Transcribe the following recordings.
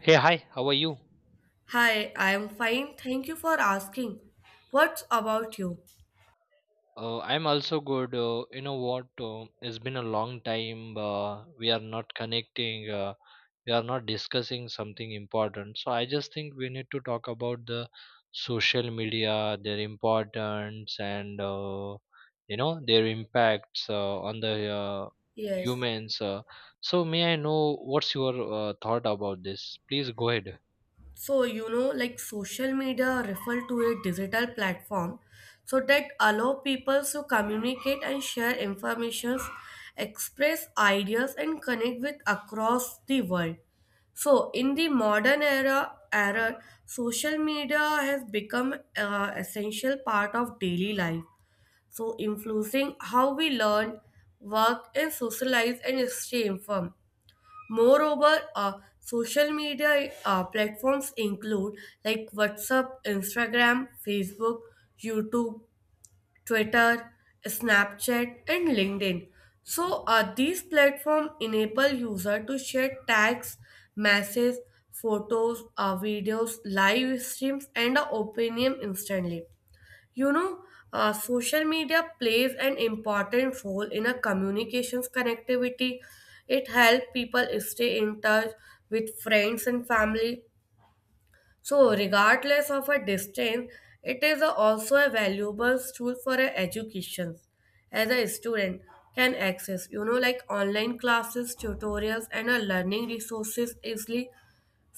Hey, hi, how are you? Hi, I am fine. Thank you for asking. What's about you? I'm also good. You know what? It's been a long time. We are not connecting. We are not discussing something important. So I just think we need to talk about the social media, their importance, and their impacts on the Yes. humans. So may I know what's your thought about this? Please go ahead. So, you know, like social media refer to a digital platform so that allow people to communicate and share information, express ideas and connect with across the world. So, in the modern era, social media has become an essential part of daily life so influencing how we learn, work, and socialize and stay informed. Moreover, social media platforms include like WhatsApp, Instagram, Facebook, YouTube, Twitter, Snapchat, and LinkedIn. So these platforms enable user to share tags, messages, photos, videos, live streams, and opinion instantly. You know, social media plays an important role in a communications connectivity. It helps people stay in touch with friends and family. So, regardless of a distance, it is also a valuable tool for a education. As a student, can access you know like online classes, tutorials, and a learning resources easily.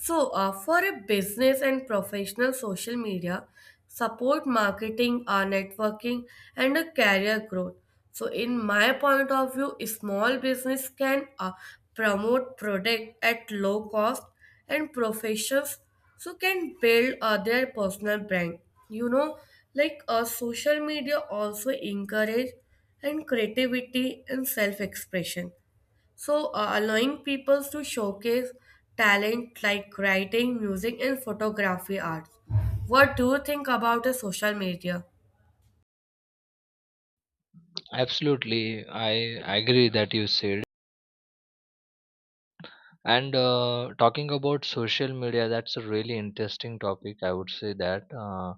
So, for a business and professional, social media support marketing, networking, and a career growth. So, in my point of view, a small business can promote product at low cost, and professionals so can build their personal brand. You know, like social media also encourage and creativity and self-expression so, allowing people to showcase talent like writing, music, and photography arts. What do you think about the social media? Absolutely, I agree that you said. And Talking about social media, that's a really interesting topic. I would say that, uh,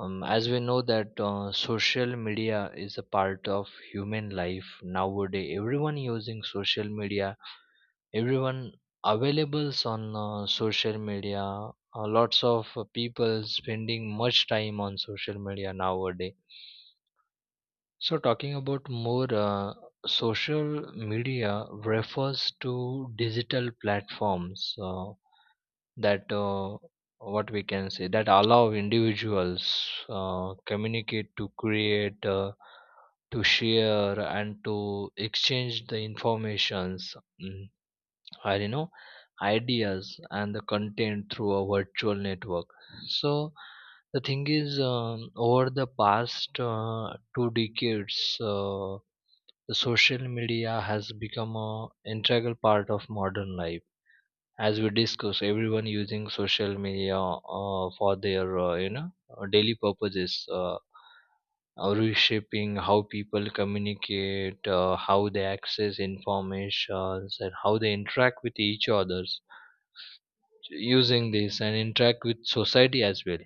um, as we know that social media is a part of human life nowadays. Everyone using social media, everyone availables on social media. Lots of people spending much time on social media nowadays. So talking about more social media refers to digital platforms. That What we can say that allow individuals communicate to create to share and to exchange the informations mm, or you know ideas and the content through a virtual network, so the thing is, over the past two decades, the social media has become a integral part of modern life. As we discuss, everyone using social media for their daily purposes, reshaping how people communicate, how they access information and how they interact with each others using this and interact with society as well.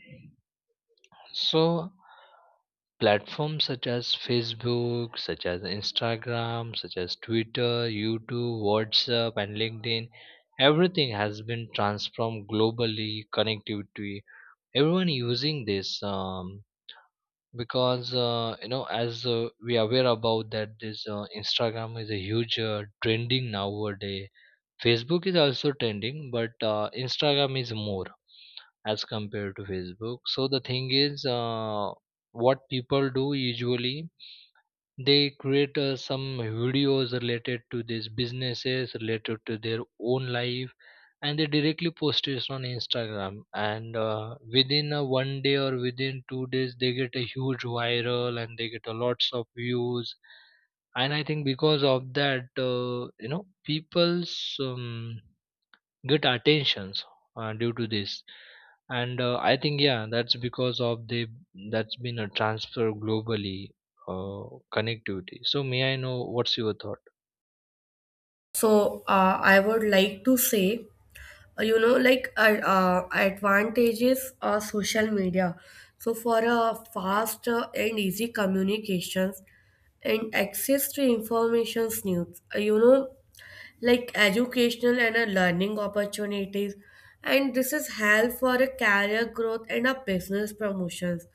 So platforms such as Facebook, such as Instagram, such as Twitter, YouTube, WhatsApp, and LinkedIn, everything has been transformed globally. Connectivity, everyone using this, because you know, as we are aware about that, this Instagram is a huge trending nowadays. Facebook is also trending, but Instagram is more as compared to Facebook. So the thing is, what people do usually, they create some videos related to these businesses, related to their own life, and they directly post it on Instagram. And within a one day or within 2 days, they get a huge viral and they get a lots of views. And I think because of that, people's get attentions due to this. And uh, i think, yeah, that's because of the that's been a transfer globally, uh, connectivity. So may I know what's your thought? So, I would like to say, you know, like advantages of social media. So, for a fast and easy communications and access to information, news, you know, like educational and a learning opportunities, and this is help for a career growth and a business promotions,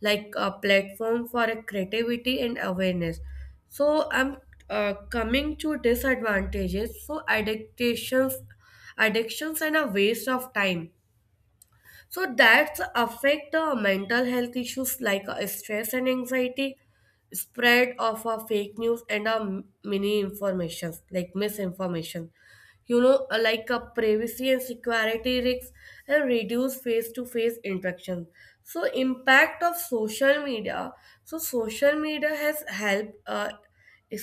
like a platform for a creativity and awareness. So I'm coming to disadvantages. So addictions, and a waste of time, so that's affect mental health issues like stress and anxiety, spread of fake news and many informations like misinformation. You know, privacy and security risks, and reduce face-to-face interaction. So impact of social media. So social media has helped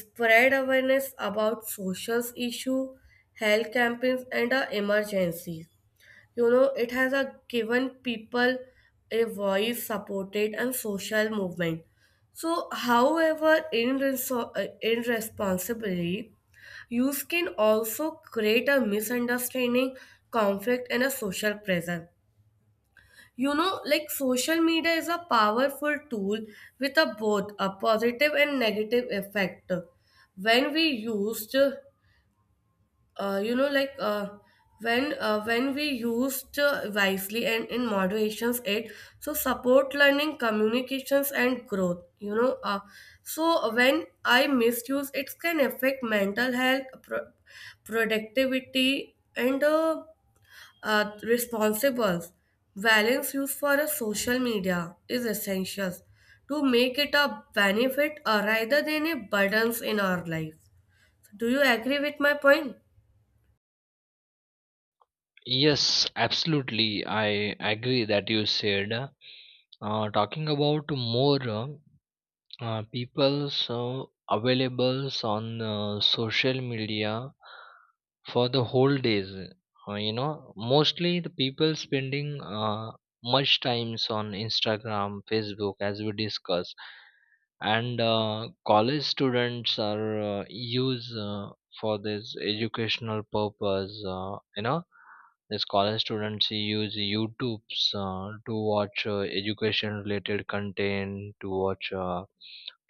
spread awareness about social issue, health campaigns, and emergencies. You know, it has a given people a voice, supported and social movement. So, however, in responsibly, use can also create a misunderstanding, conflict, and a social pressure. You know, like social media is a powerful tool with a both a positive and negative effect when we used uh, you know like uh, when we used wisely and in moderations, it so support learning communications and growth. You know so when I misuse it can affect mental health productivity and responsibles. Balance used for a social media is essential to make it a benefit rather than a burdens in our life. Do you agree with my point? Yes, absolutely. I agree that you said. Talking about more, people so available on social media for the whole days, you know mostly the people spending much times on Instagram, Facebook, as we discuss. And college students are use for this educational purpose, you know this college students use YouTube's to watch education related content, to watch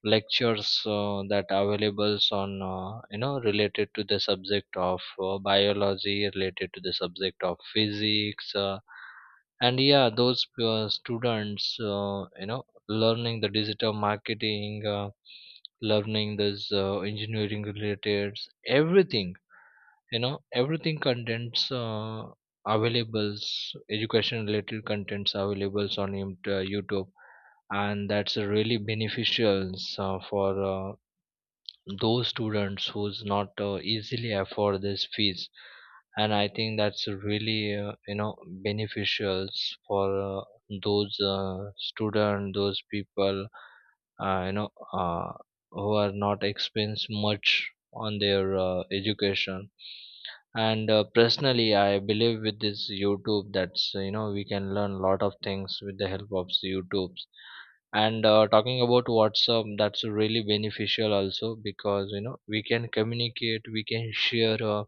lectures that available on, you know, related to the subject of biology, related to the subject of physics, and yeah, those students you know learning the digital marketing, learning this engineering related, everything, you know, everything contents availables, education related contents availables on YouTube. And that's really beneficial for uh, those students who's not easily afford this fees. And I think that's really, beneficial for uh, those student, those people, uh, you know uh, who are not expense much on their education. And personally I believe with this YouTube, that's you know we can learn a lot of things with the help of YouTube. And talking about WhatsApp, that's really beneficial also because you know we can communicate, we can share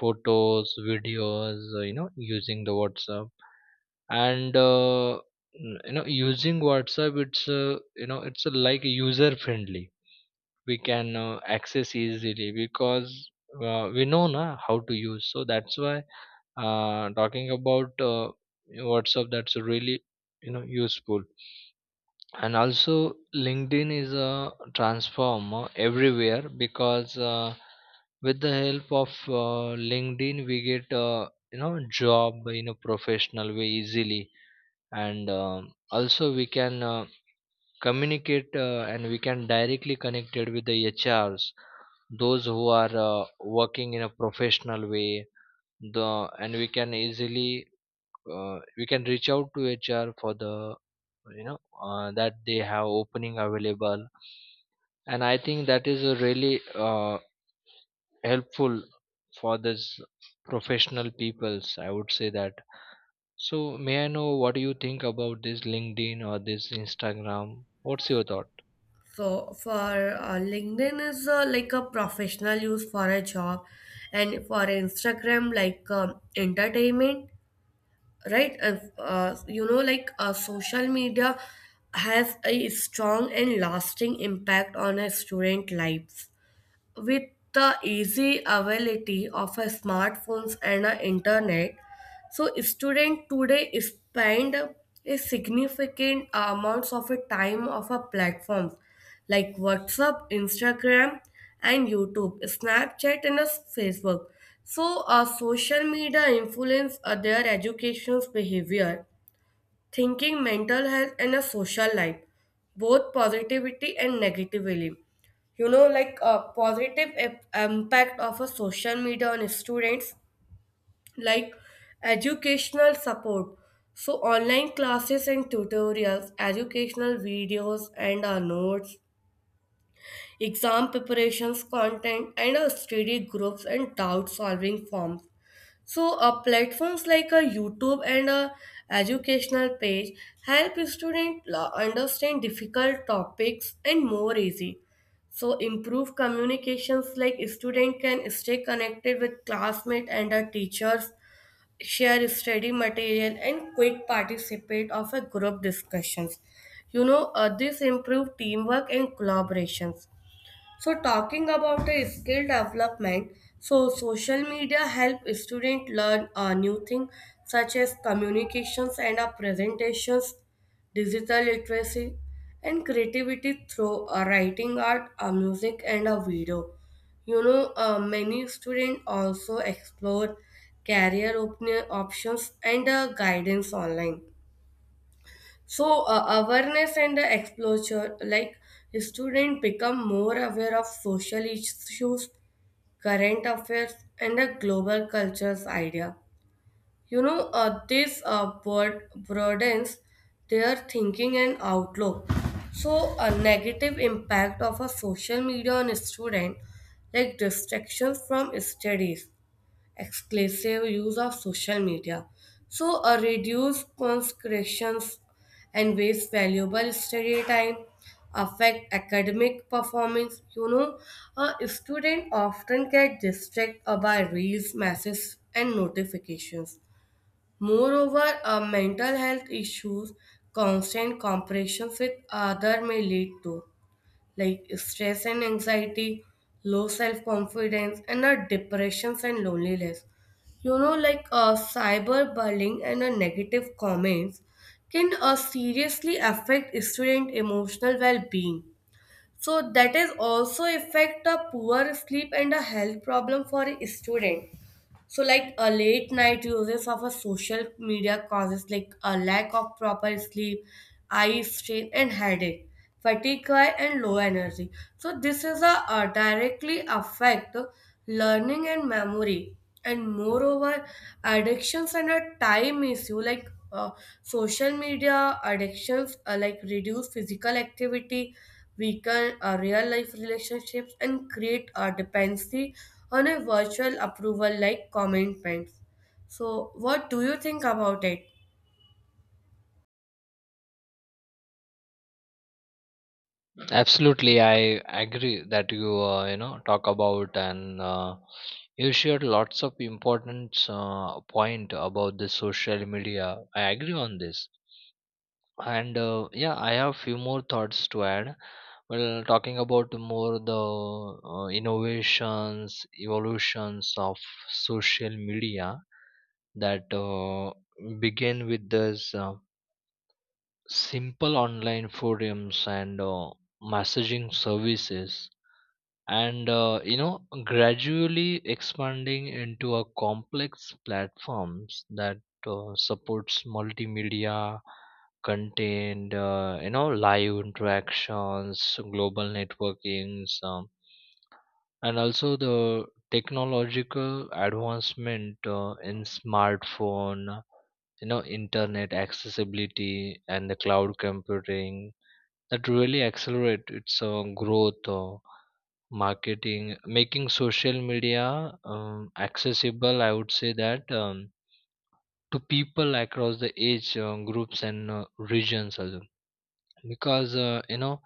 photos, videos, you know, using the WhatsApp. And you know using WhatsApp, it's like user friendly. We can access easily because we know na how to use, so that's why talking about WhatsApp, that's really, you know, useful. And also LinkedIn is a transformer everywhere because, with the help of LinkedIn we get, you know, job in a professional way easily. And also we can communicate and we can directly connected with the HRs, those who are working in a professional way. The and we can easily, we can reach out to HR for the, you know, that they have opening available. And I think that is a really helpful for this professional peoples, I would say that. So may I know what do you think about this LinkedIn or this Instagram? What's your thought? For LinkedIn is like a professional use for a job, and for Instagram like entertainment, right? You know, like social media has a strong and lasting impact on a student life with the easy availability of a smartphones and a internet, so students today spend a significant amounts of a time of a platforms like WhatsApp, Instagram, and YouTube, Snapchat, and a Facebook. So, social media influence their education's behavior, thinking, mental health, and a social life, both positivity and negatively. You know, like a impact of a social media on students, like educational support. So online classes and tutorials, educational videos, and notes, exam preparations, content, and a study groups and doubt solving forms. So, platforms like a YouTube and a educational page help students understand difficult topics and more easy. So, improve communications, like student can stay connected with classmates and teachers, share study material, and quick participate of a group discussions. You know, this improve teamwork and collaborations. So talking about the skill development, so social media help students learn a new thing, such as communications and a presentations, digital literacy, and creativity through a writing art, a music, and a video. You know, many students also explore career op- options and guidance online. So awareness and the exposure, like students become more aware of social issues, current affairs, and the global cultures idea. You know, this broadens their thinking and outlook. So a negative impact of a social media on a student, like distractions from studies, exclusive use of social media. So, a reduced conscriptions and waste valuable study time affect academic performance. You know, a student often get distracted by reels, messages, and notifications. Moreover, mental health issues, constant comparisons with other may lead to like stress and anxiety, low self confidence, and our depressions and loneliness. You know, like cyberbullying and negative comments can seriously affect student emotional well being. So that is also affect a poor sleep and a health problem for a student. So, like a late night uses of a social media causes like a lack of proper sleep, eye strain, and headache, fatigue and low energy. So, this is directly affect learning and memory, and moreover, addictions and a time issue like social media addictions like reduce physical activity, weaken our real life relationships, and create a dependency on a virtual approval like commitments. So, what do you think about it? Absolutely, I agree that you you know talk about. And you shared lots of important point about the social media. I agree on this. And yeah, I have few more thoughts to add. Well, talking about more the innovations, evolutions of social media, that begin with this simple online forums and messaging services and, you know, gradually expanding into a complex platforms that supports multimedia content, you know, live interactions, global networkings, and also the technological advancement in smartphone, you know, internet accessibility and the cloud computing, that really accelerate its growth, marketing, making social media accessible, I would say that, to people across the age groups and regions also. Because, uh, you know,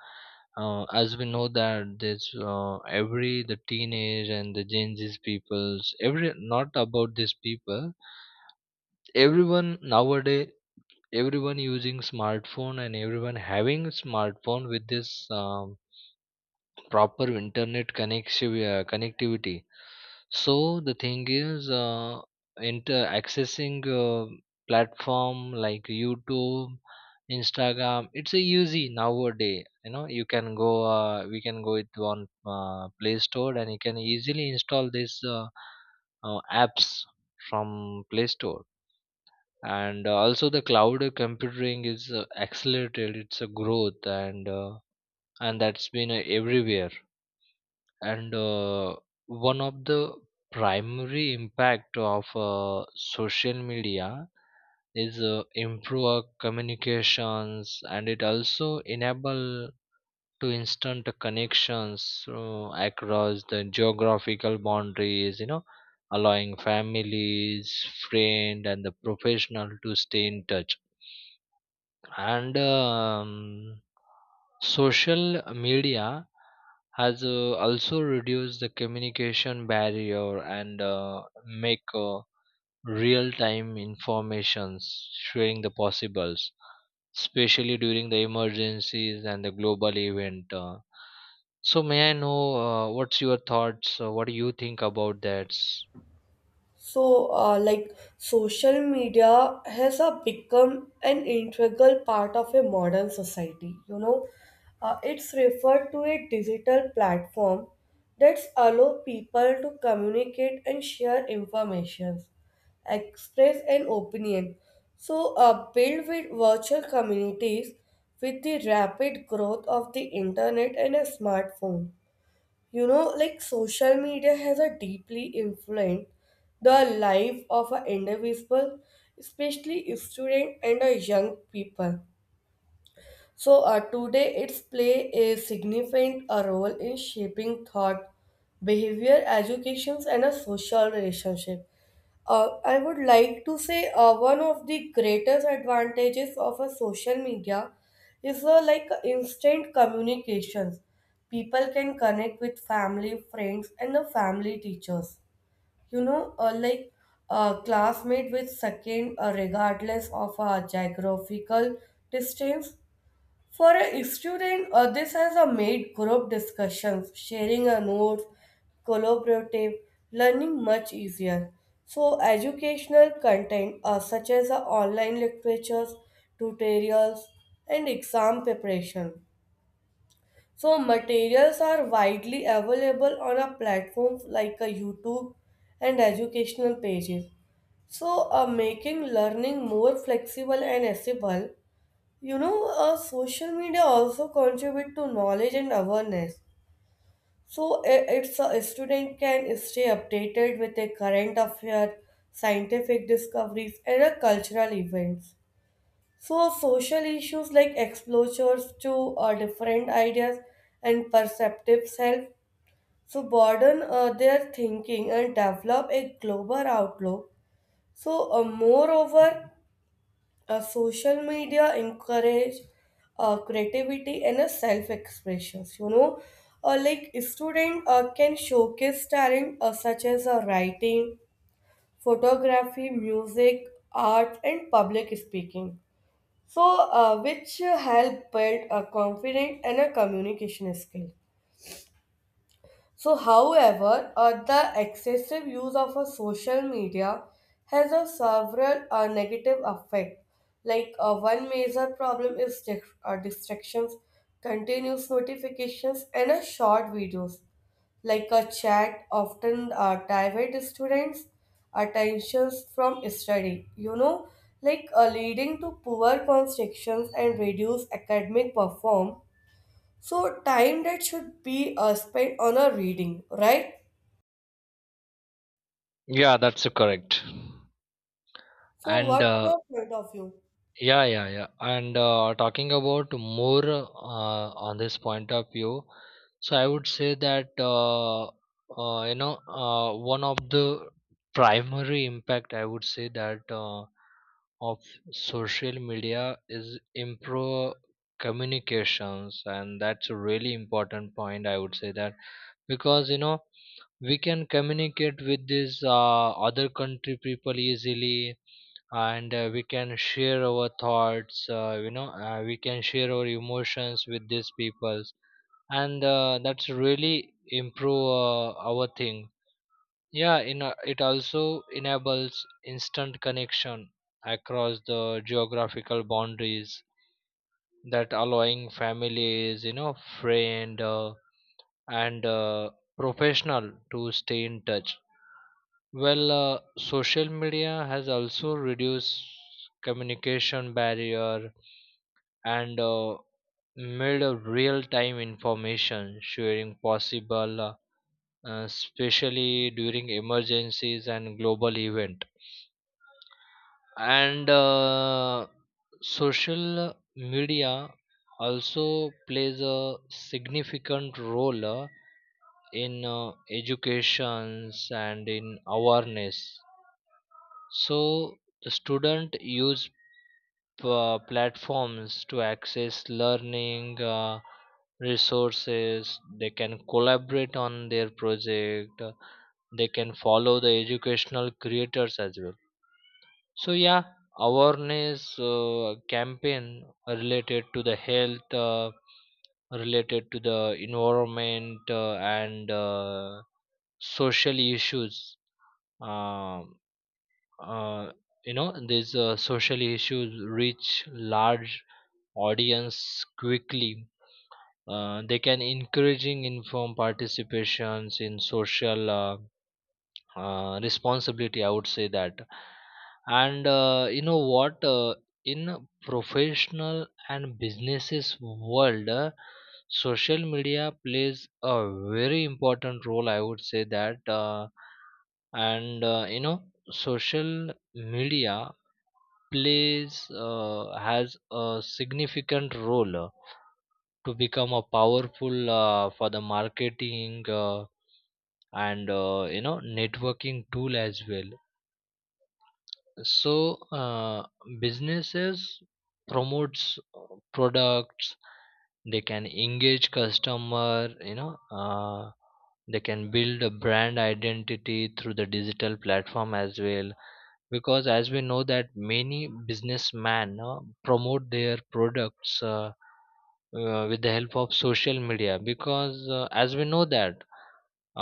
uh, as we know that there's every the teenage and the Gen Z peoples, every not about these people, everyone nowadays, everyone using smartphone and everyone having smartphone with this. Proper internet connectivity. So the thing is, inter accessing uh, platform like YouTube, Instagram, it's a easy nowadays. You know you can go, we can go it on Play Store, and you can easily install this apps from Play Store. And also the cloud computing is accelerated it's a growth, and that's been everywhere. And one of the primary impact of social media is improve our communications, and it also enable to instant connections across the geographical boundaries, you know, allowing families, friend and the professional to stay in touch. And social media has also reduced the communication barrier and make real-time informations showing the possibles, especially during the emergencies and the global event. So may I know, what's your thoughts? What do you think about that? So, like social media has become an integral part of a modern society. You know, it's referred to a digital platform that allow people to communicate and share information, express an opinion. So, build with virtual communities with the rapid growth of the internet and a smartphone. You know, like social media has a deeply influenced the life of an individual, especially student and a young people. So today it's play a significant role in shaping thought, behavior, educations, and a social relationship. I would like to say one of the greatest advantages of a social media is like instant communications. People can connect with family, friends, and the family teachers. You know, like a classmate with second, regardless of a geographical distance. For a student, this has a made group discussions, sharing a notes, collaborative learning much easier. So, educational content such as online lectures, tutorials, and exam preparation. So, materials are widely available on a platform like a YouTube and educational pages. So, making learning more flexible and accessible. You know social media also contribute to knowledge and awareness, so it's a student can stay updated with a current affair, scientific discoveries, and cultural events. So social issues like exposures to different ideas and perceptive self, so broaden their thinking and develop a global outlook. So moreover, social media encourage creativity and a self-expression. You know, like student can showcase talent such as writing, photography, music, art, and public speaking. So, which help build a confident and a communication skill. So, however, the excessive use of a social media has a several negative effect. Like one major problem is distractions, continuous notifications, and a short videos. Like a chat often divert students' attentions from study. You know, like leading to poor constructions and reduced academic perform, so time that should be spent on a reading, right? Yeah, that's correct. So And what's your point of view? Yeah, yeah, yeah. And talking about more on this point of view, so I would say that one of the primary impact, I would say that, of social media is improve communications, and that's a really important point, I would say that, because you know we can communicate with these other country people easily. And we can share our thoughts, we can share our emotions with these people. And that's really improve our thing. Yeah, it also enables instant connection across the geographical boundaries, that allowing families, you know, friend and professional to stay in touch. Well, social media has also reduced communication barrier and made a real-time information sharing possible, especially during emergencies and global event. And social media also plays a significant role in educations and in awareness. So the student use platforms to access learning resources, they can collaborate on their project, they can follow the educational creators as well. So yeah, awareness campaign related to the health, related to the environment, and social issues, um, uh, you know these social issues reach large audience quickly, they can encouraging inform participations in social, responsibility, I would say that. And you know what, in professional and businesses world, social media plays a very important role, I would say that. And you know social media plays, has a significant role to become a powerful for the marketing, and you know networking tool as well. So uh, businesses promotes products, they can engage customer, you know, uh, they can build a brand identity through the digital platform as well, because as we know that many businessmen promote their products, with the help of social media, because as we know that,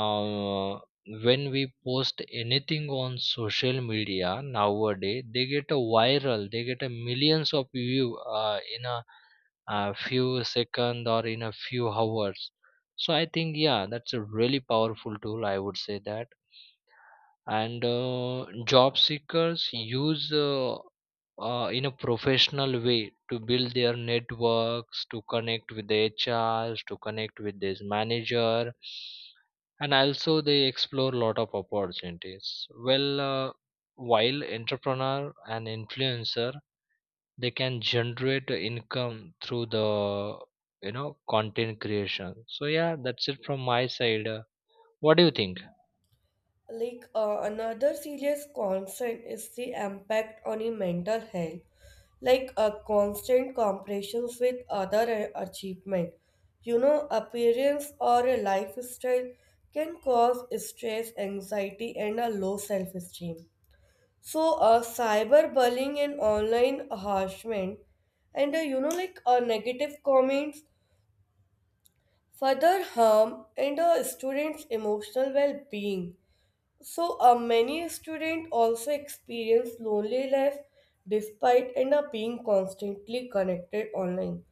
uh, when we post anything on social media nowadays they get a viral, they get a millions of view in a few seconds or in a few hours. So I think yeah that's a really powerful tool, I would say that. And job seekers use, in a professional way, to build their networks, to connect with the HRs, to connect with this manager. And also they explore a lot of opportunities. Well, while entrepreneur and influencer, they can generate income through the, you know, content creation. So yeah, that's it from my side. What do you think? Like another serious concern is the impact on your mental health, like a constant comparisons with other achievement. You know, appearance or a lifestyle can cause stress, anxiety, and a low self-esteem. So, cyberbullying and online harassment, and you know, like negative comments further harm in a student's emotional well-being. So many students also experience loneliness despite end up being constantly connected online.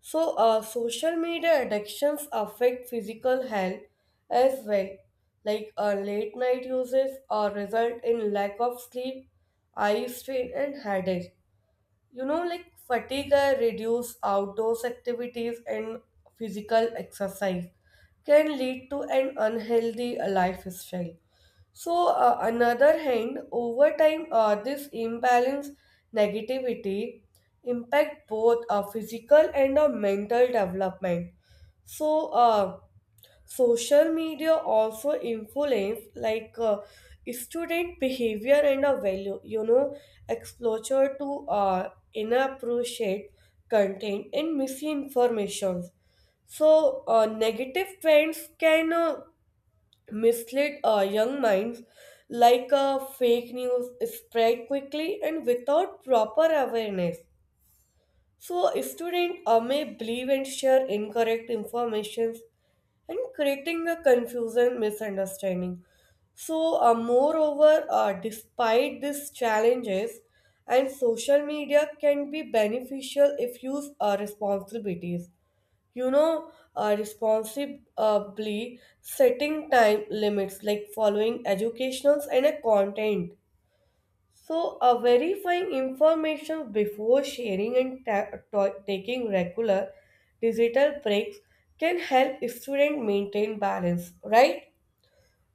So social media addictions affect physical health as well, like late night uses or result in lack of sleep, eye strain and headache. You know like fatigue reduce outdoors activities and physical exercise can lead to an unhealthy lifestyle. So another hand over time this imbalance negativity impact both physical and mental development. So uh, Social media also influence like student behavior and a value. You know, exposure to inappropriate content and misinformation. So negative trends can mislead young minds, like fake news spread quickly and without proper awareness. So a student may believe and share incorrect information and creating a confusion misunderstanding. So moreover, despite these challenges and social media can be beneficial if used responsibilities. You know responsibly setting time limits like following educationals and a content. So, verifying information before sharing and taking regular digital breaks can help students maintain balance, right?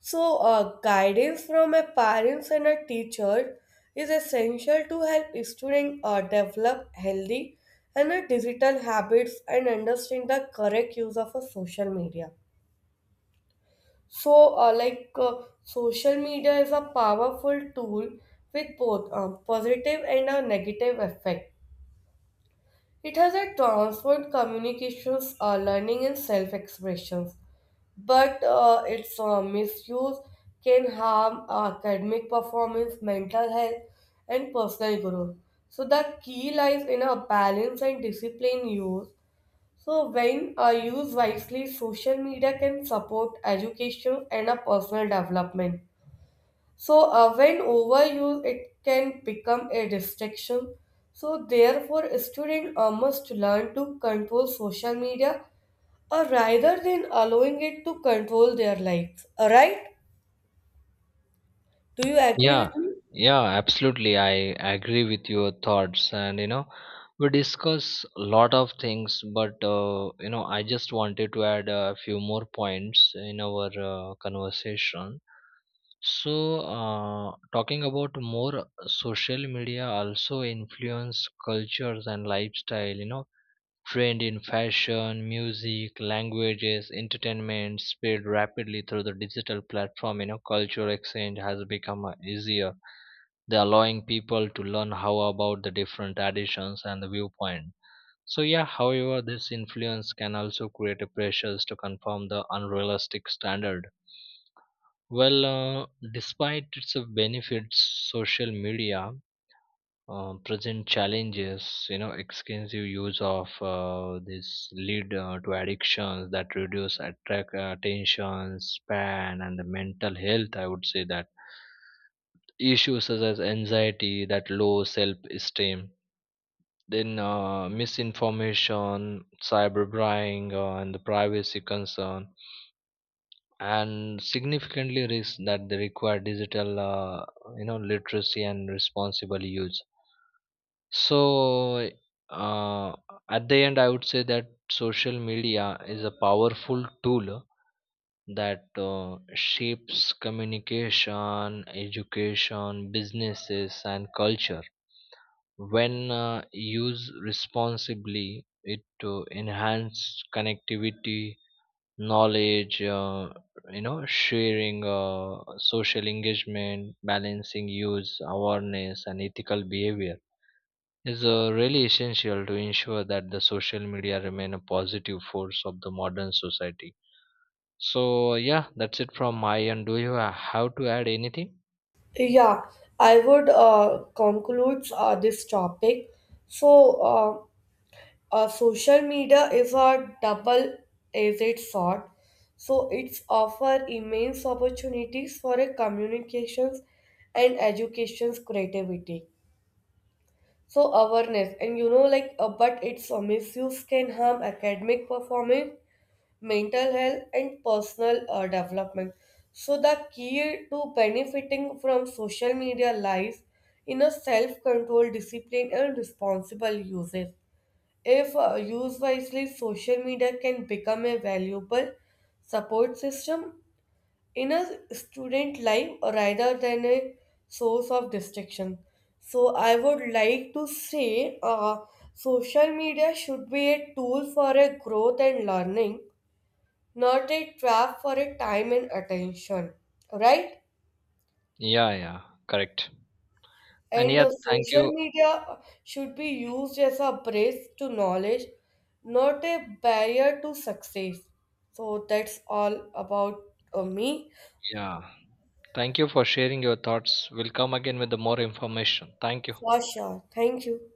So, guidance from a parents and a teacher is essential to help students develop healthy and digital habits and understand the correct use of a social media. So, social media is a powerful tool with both a positive and a negative effect. It has a transformed communications, learning, and self expressions, but its misuse can harm academic performance, mental health, and personal growth. So, the key lies in a balance and discipline use. So, when used wisely, social media can support education and a personal development. So, when overused, it can become a distraction. So, therefore, a student must learn to control social media rather than allowing it to control their lives. Alright? Do you agree Yeah, with me? yeah, absolutely. I agree with your thoughts. And, you know, we discuss a lot of things, but, you know, I just wanted to add a few more points in our conversation. So, talking about more, social media also influence cultures and lifestyle, you know, trend in fashion, music, languages, entertainment spread rapidly through the digital platform. You know, cultural exchange has become easier, they allowing people to learn how about the different traditions and the viewpoint. So yeah, however this influence can also create a pressures to conform the unrealistic standard. Well, despite its benefits, social media present challenges. You know extensive use of this lead to addictions that reduce attract attention span and the mental health, I would say that, issues such as anxiety that low self esteem. Then misinformation, cyberbrying, and the privacy concern, and significantly risk that they require digital, you know, literacy and responsible use. So, uh, at the end, I would say that social media is a powerful tool that shapes communication, education, businesses, and culture. When used responsibly, it to enhance connectivity, knowledge, you know, sharing, social engagement, balancing use, awareness, and ethical behavior is really essential to ensure that the social media remain a positive force of the modern society. So yeah, that's it from my end. Do you have to add anything? Yeah, I would conclude this topic. So, social media is a double-edged sword, so it's offer immense opportunities for a communications and education's creativity. So awareness and you know like but its misuse can harm academic performance, mental health, and personal development. So the key to benefiting from social media lies in a self-control, discipline, and responsible usage. If used wisely, social media can become a valuable support system in a student life rather than a source of distraction. So, I would like to say social media should be a tool for a growth and learning, not a trap for a time and attention. Right? Yeah, yeah, correct. And And yeah, thank social you. media should be used as a bridge to knowledge, not a barrier to success. So that's all about me Yeah. Thank you for sharing your thoughts. We'll come again with the more information. Thank you. for sure. Thank you.